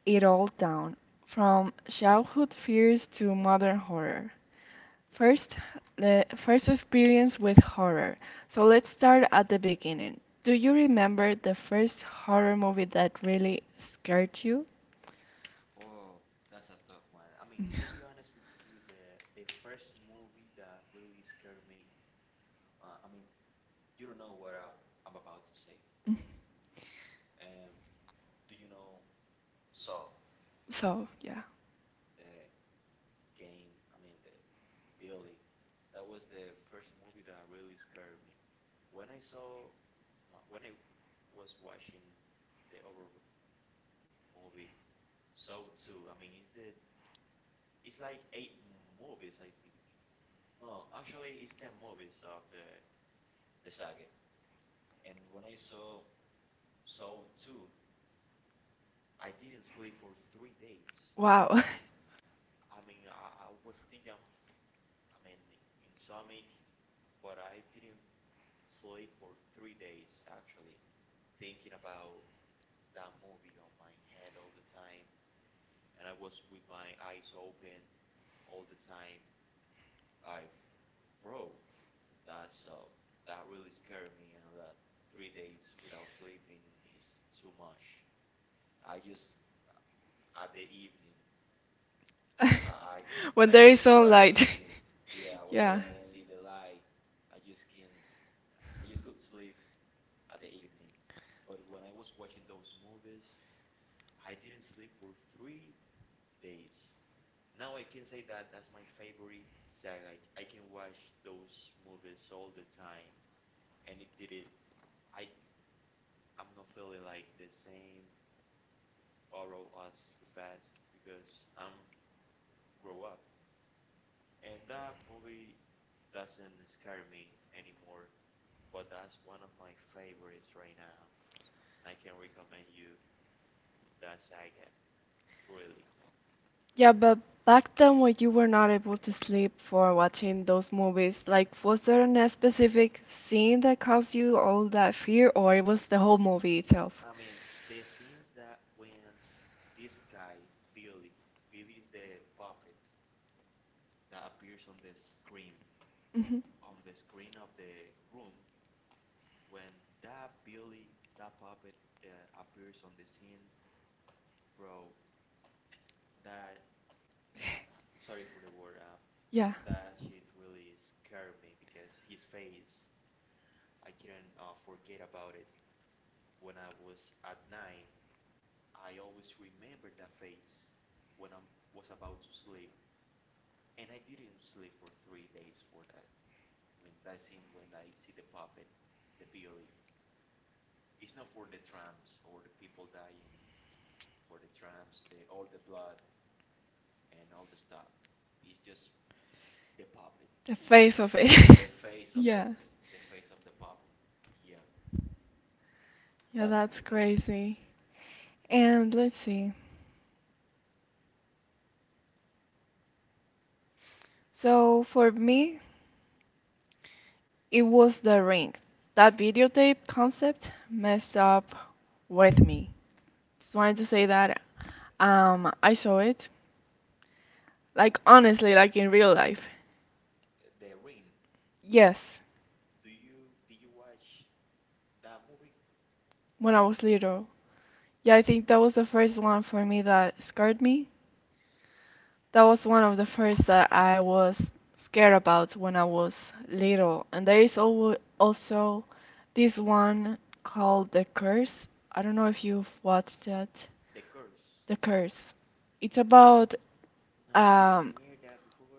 Speaker 1: it all down from childhood fears to modern horror. First, the first experience with horror. So let's start at the beginning. Do you remember the first horror movie that really scared you?
Speaker 2: Oh, that's a tough one. I mean, to be honest with you, the first movie that really scared me, I mean, you don't know what I'm about to say.
Speaker 1: Mhm.
Speaker 2: Um, do you know Saw,
Speaker 1: So, yeah.
Speaker 2: the game? I mean, the Billy. That was the first movie that really scared me. When I saw, when I was watching the other movie, Saw 2. I mean, it's like eight movies, I think. No, actually, it's 10 movies of the saga. And when I saw Saw 2, I didn't sleep for 3 days.
Speaker 1: Wow.
Speaker 2: I mean, I was thinking, I mean, in but I didn't sleep for 3 days actually, thinking about that movie on my head all the time, and I was with my eyes open all the time. Like, bro, that's uh, that really scared me. You know that 3 days without sleeping is too much. I just at the evening, I
Speaker 1: *laughs*
Speaker 2: *laughs* I
Speaker 1: When
Speaker 2: could
Speaker 1: there is
Speaker 2: sleep
Speaker 1: no
Speaker 2: at the
Speaker 1: light. *laughs*
Speaker 2: evening. Yeah, when
Speaker 1: Yeah.
Speaker 2: I see the light, I just can I just could sleep at the evening. But when I was watching those movies, I didn't sleep for 3 days. Now I can say that that's my favorite saga. I can watch those movies all the time, and it did it. I I'm not feeling like the same horror as the past because I'm grow up, and that movie doesn't scare me anymore. But that's one of my favorites right now. I can recommend you that saga, really.
Speaker 1: Yeah, but back then when you were not able to sleep for watching those movies, like was there a specific scene that caused you all that fear, or it was the whole movie
Speaker 2: I
Speaker 1: itself?
Speaker 2: mean, the scenes that when this guy, Billy, Billy's the puppet that appears
Speaker 1: Hmm.
Speaker 2: on the screen of the room, when that Billy, that puppet appears on the scene, bro, that, sorry for the word,
Speaker 1: Yeah,
Speaker 2: that shit really scared me because his face, I couldn't forget about it. When I was at 9, I always remember that face when I was about to sleep. And I didn't sleep for 3 days for that. When that scene, when I see the puppet, the Billy, it's not for the trams or the people dying, for the trams, the all the blood and all the stuff. It's just the puppet,
Speaker 1: the face of it.
Speaker 2: the
Speaker 1: *laughs*
Speaker 2: face of it,
Speaker 1: Yeah.
Speaker 2: the face of the puppet. Yeah,
Speaker 1: Yeah,
Speaker 2: that's the big
Speaker 1: that's
Speaker 2: thing.
Speaker 1: crazy. And let's see. So for me, it was the ring. That videotape concept messed up with me. Just wanted to say that I saw it, like honestly, like in real life.
Speaker 2: The Ring.
Speaker 1: Yes,
Speaker 2: Do you did you watch that movie?
Speaker 1: when I was little. Yeah, I think that was the first one for me that scared me. That was one of the first that I was scared about when I was little. And there is alwa also this one called The Curse. I don't know if you've watched that.
Speaker 2: The Curse.
Speaker 1: The Curse. It's about
Speaker 2: No, I didn't
Speaker 1: um,
Speaker 2: hear that before.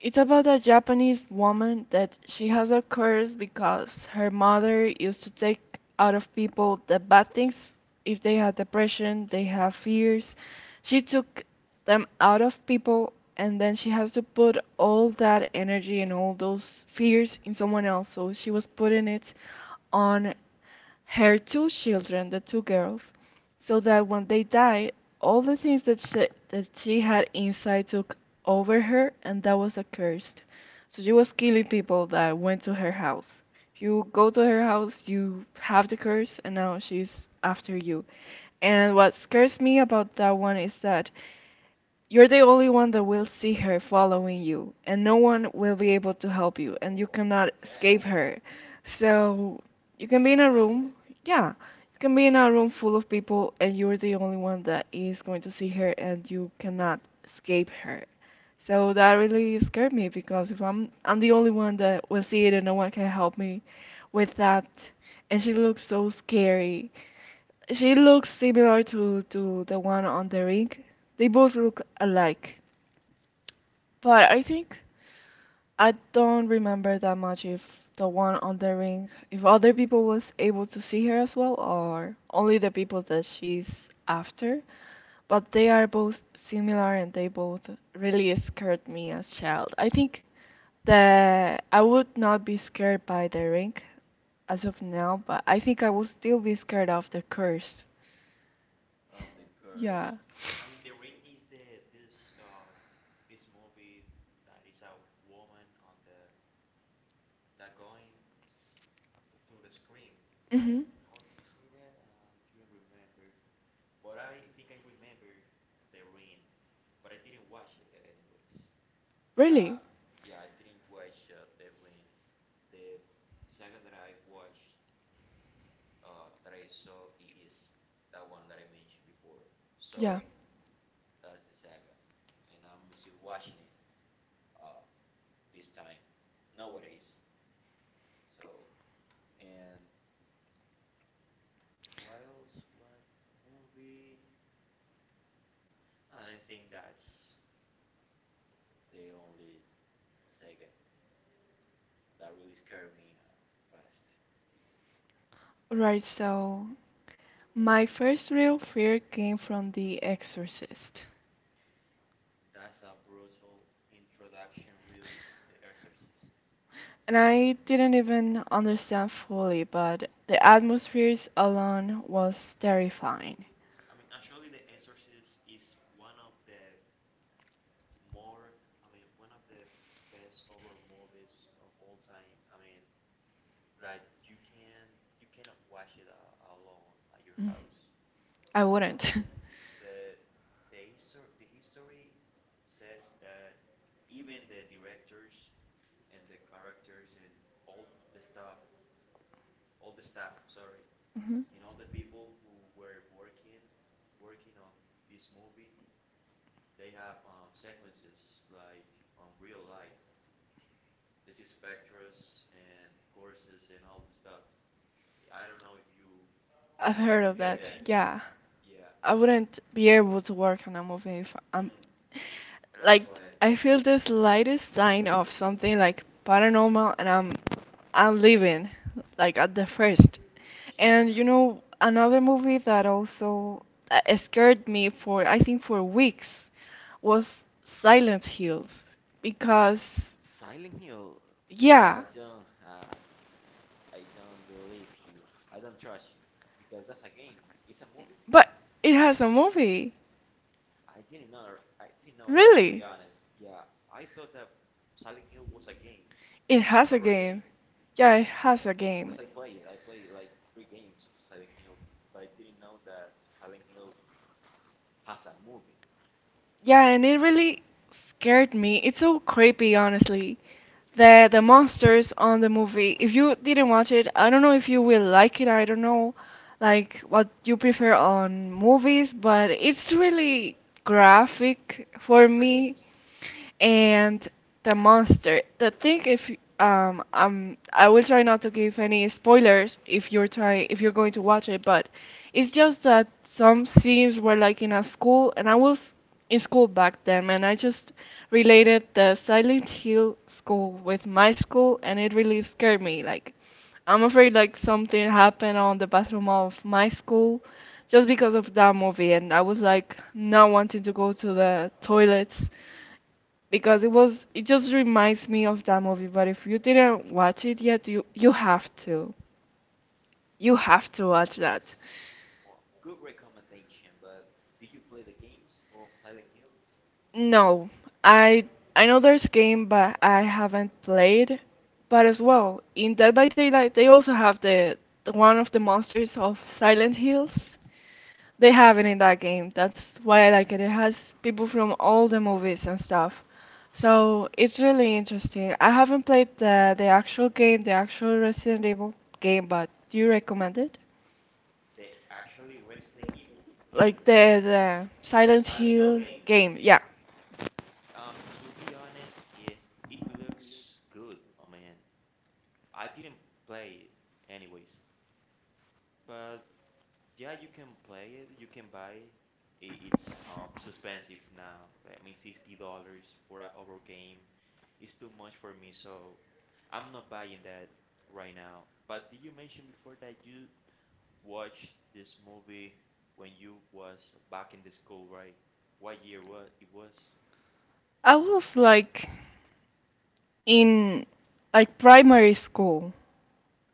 Speaker 1: it's about a Japanese woman that she has a curse because her mother used to take out of people the bad things. If they had depression, they have fears. She took them out of people, and then she has to put all that energy and all those fears in someone else. So she was putting it on her two children, the two girls so that when they died, all the things that she had inside took over her, and that was accursed. So she was killing people that went to her house. If you go to her house, you have the curse, and now she's after you. And what scares me about that one is that you're the only one that will see her following you, and no one will be able to help you, and you
Speaker 2: Oh my
Speaker 1: cannot
Speaker 2: God,
Speaker 1: escape her. So you can
Speaker 2: can't
Speaker 1: be in a
Speaker 2: imagine that.
Speaker 1: room, yeah, you can be in a room full of people, and you're the only one that is going to see her, and you cannot escape her. So that really scared me because if I'm the only one that will see it and no one can help me with that, and she looks so scary. She looks similar to the one on the ring. They both look alike.
Speaker 2: Uh,
Speaker 1: But I think I don't remember that much if the one on the ring, if other people was able to see her as well, or only the people that she's after. But they are both similar and they both really scared me as child. I think that I would not be scared by the ring as of now, but I think I will still be scared of the curse.
Speaker 2: of the curse.
Speaker 1: Yeah.
Speaker 2: I mean, The Ring is the this this movie that is a woman on the that going s- through the screen. Like,
Speaker 1: Hmm.
Speaker 2: how did you say that? I couldn't remember, but I think I remember The Ring, but I didn't watch it anyways. Uh,
Speaker 1: Really?
Speaker 2: yeah, I didn't watch The Ring. The saga that I watched, that I saw is that one that I mentioned before. So.
Speaker 1: Yeah.
Speaker 2: That's the saga, and I'm still watching it uh, this time nowadays. So and what else? What movie? And I think that's the only saga that really scared me the best.
Speaker 1: Right, so my first real fear came from The Exorcist.
Speaker 2: That's a brutal introduction, really. The Exorcist.
Speaker 1: And I didn't even understand fully, but the atmospheres alone was terrifying.
Speaker 2: I mean, actually, The Exorcist is one of the more, I mean, one of the best horror movies of all time. I mean, like you can you cannot watch it alone at your
Speaker 1: Mm.
Speaker 2: house.
Speaker 1: I
Speaker 2: Um,
Speaker 1: wouldn't. *laughs*
Speaker 2: the the history says that even the directors and the characters and all the stuff, all the staff, sorry,
Speaker 1: Mhm.
Speaker 2: and all the people who were working on this movie, they have sequences like on real life. This is spectras and courses and all the stuff. I don't know if you
Speaker 1: I've heard of
Speaker 2: hear that.
Speaker 1: that. Yeah.
Speaker 2: Yeah,
Speaker 1: I wouldn't be able to work on a movie if
Speaker 2: and
Speaker 1: I'm
Speaker 2: that's why
Speaker 1: like
Speaker 2: I,
Speaker 1: I feel the slightest sign of something like paranormal and I'm leaving like at the first.
Speaker 2: yeah,
Speaker 1: And you know another movie that also that scared me for I think for weeks was Silent Hills because
Speaker 2: Silent Hill. No, I
Speaker 1: yeah,
Speaker 2: don't have, I don't believe you. I don't trust you because that's a game. It's a movie.
Speaker 1: but it has a movie.
Speaker 2: I didn't know. I didn't know that to be
Speaker 1: Really?
Speaker 2: honest. Yeah, I thought that Silent Hill was a game,
Speaker 1: It
Speaker 2: a
Speaker 1: has
Speaker 2: real
Speaker 1: a
Speaker 2: game,
Speaker 1: game. Yeah, it has a
Speaker 2: because I
Speaker 1: game.
Speaker 2: played it. I played like three games of Silent Hill, but I didn't know that Silent Hill has a movie.
Speaker 1: Yeah, and it really scared me. It's so creepy, honestly. The
Speaker 2: Oh,
Speaker 1: monsters on the movie. If you didn't watch it, I don't know if you will like it. I don't know, like what you prefer on movies, but it's really graphic for
Speaker 2: for
Speaker 1: me
Speaker 2: games.
Speaker 1: and the monster. The thing if I will try not to give any spoilers if you're trying if you're going to watch it, but it's just that some scenes were like in a school, and I was in school back then, and I just related the Silent Hill school with my school, and it really scared me. Like I'm afraid like something happened on the bathroom of my school just because of that movie and I was like not wanting to go to the toilets because it just reminds me of that movie. But if you didn't watch it yet, you have to, you have to watch that.
Speaker 2: Well, good recommendation. But did you play the games of Silent Hills?
Speaker 1: No, I I know there's game, but I haven't played. But as well, in Dead by Daylight, they also have the one of the monsters of Silent Hills. They have it in that game. That's why I like it. It has people from all the movies and stuff. So it's really interesting. I haven't played the actual game, the actual Resident Evil game, but do you recommend it?
Speaker 2: The actually Resident Evil game,
Speaker 1: Like the Silent
Speaker 2: Silent Hill
Speaker 1: Hill
Speaker 2: game.
Speaker 1: game. Yeah.
Speaker 2: To be honest, it, it looks good. I mean, I didn't play it anyways, but yeah, you can play it, you can buy it. It's too expensive now. I mean, $60 for an over game is too much for me, so I'm not buying that right now. But did you mention before that you watched this movie when you was back in the school, right? What year was it was?
Speaker 1: I was like in like primary school.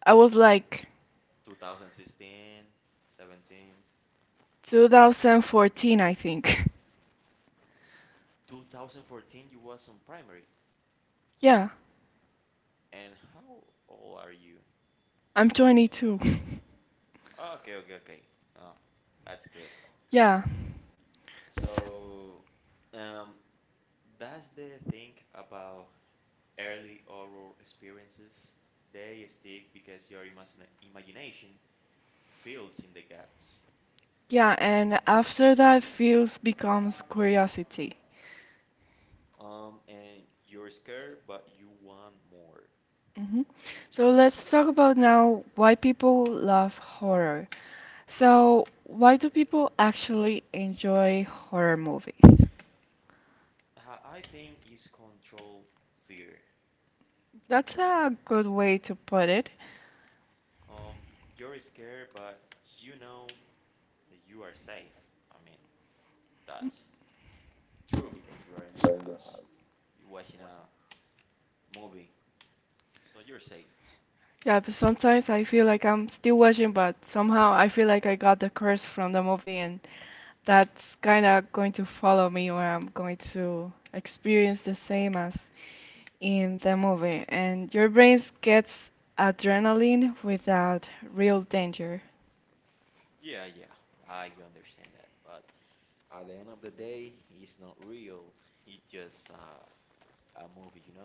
Speaker 1: I was like
Speaker 2: 2016, 17,
Speaker 1: 2014, I think. *laughs*
Speaker 2: 2014 you was in primary.
Speaker 1: Yeah.
Speaker 2: And how old are you?
Speaker 1: I'm 22.
Speaker 2: Okay, okay, okay. Oh, that's good.
Speaker 1: *laughs* Yeah.
Speaker 2: So, um, that's the thing about early oral experiences. They stick because your imagination fills in the gaps.
Speaker 1: Yeah, and after that, fears becomes curiosity.
Speaker 2: Um, and you're scared, but you want more.
Speaker 1: Hmm. So let's talk about now why people love horror. So, why do people actually enjoy horror movies?
Speaker 2: Ha- I think it's control fear.
Speaker 1: That's a good way to put it.
Speaker 2: Um, you're scared, but you know that you are safe. I mean, that's true because you are in your house, you're watching a movie, so you're safe.
Speaker 1: Yeah, but sometimes I feel like I'm still watching, but somehow I feel like I got the curse from the movie, and that's kind of going to follow me, or I'm going to experience the same as in the movie, and your brain gets adrenaline without real danger.
Speaker 2: Yeah, yeah, I understand that. But at the end of the day, it's not real. It's just a movie, you know?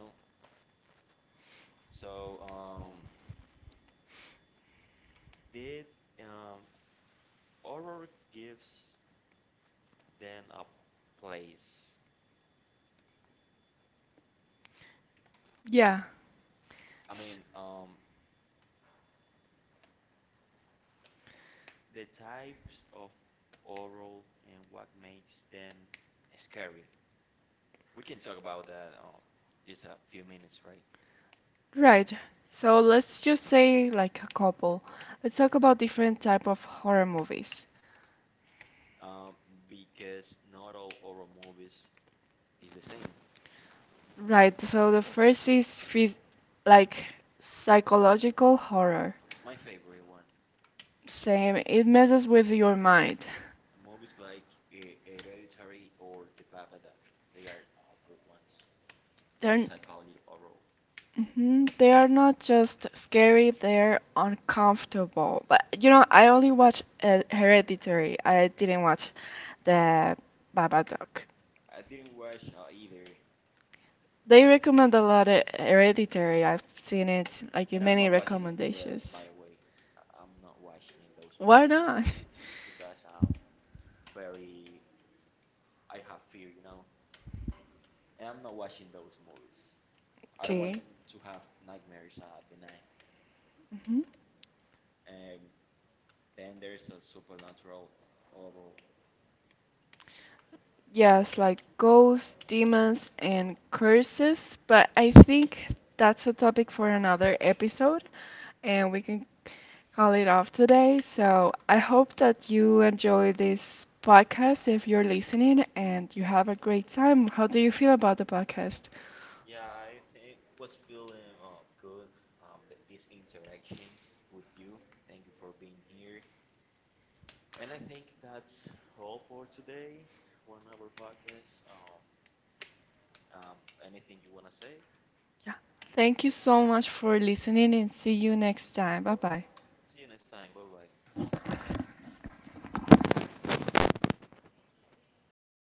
Speaker 2: So, did um, horror gives then a place.
Speaker 1: Yeah.
Speaker 2: I mean,
Speaker 1: S-
Speaker 2: the types of oral and what makes them scary. We can talk about that just a few minutes, right?
Speaker 1: Right. So let's just say like a couple. Let's talk about different type of horror movies.
Speaker 2: Um, because not all oral movies is the same.
Speaker 1: Right. So the first is like psychological horror.
Speaker 2: My favorite one,
Speaker 1: Same. It messes with your mind.
Speaker 2: movies like Hereditary or The Babadook, they are good ones. Or
Speaker 1: They're
Speaker 2: Psychology Oral.
Speaker 1: hmm they are not just scary, they're uncomfortable. But you know, I only watched Hereditary. I didn't watch the Babadook.
Speaker 2: I didn't watch either,
Speaker 1: They recommend a lot of Hereditary. I've seen it
Speaker 2: and
Speaker 1: like
Speaker 2: I'm
Speaker 1: in
Speaker 2: not
Speaker 1: many
Speaker 2: watching it. By the
Speaker 1: recommendations.
Speaker 2: way, I'm not watching it, those
Speaker 1: Why
Speaker 2: movies.
Speaker 1: not? *laughs*
Speaker 2: Because I'm very I have fear, you know, and I'm not watching those movies. I don't want
Speaker 1: Okay.
Speaker 2: to have nightmares at the night.
Speaker 1: Hmm.
Speaker 2: And then there's a supernatural horror.
Speaker 1: Yes, like ghosts, demons, and curses, but I think that's a topic for another episode, and we can call it off today. So I hope that you enjoy this podcast if you're listening and you have a great time. How do you feel about the podcast?
Speaker 2: Yeah, I think was feeling good. This interaction with you. Thank you for being here. And I think that's all for today. 1 hour podcast. Um, anything you wanna say?
Speaker 1: Yeah. Thank you so much for listening and see you next time. Bye bye.
Speaker 2: See you next time. Bye bye.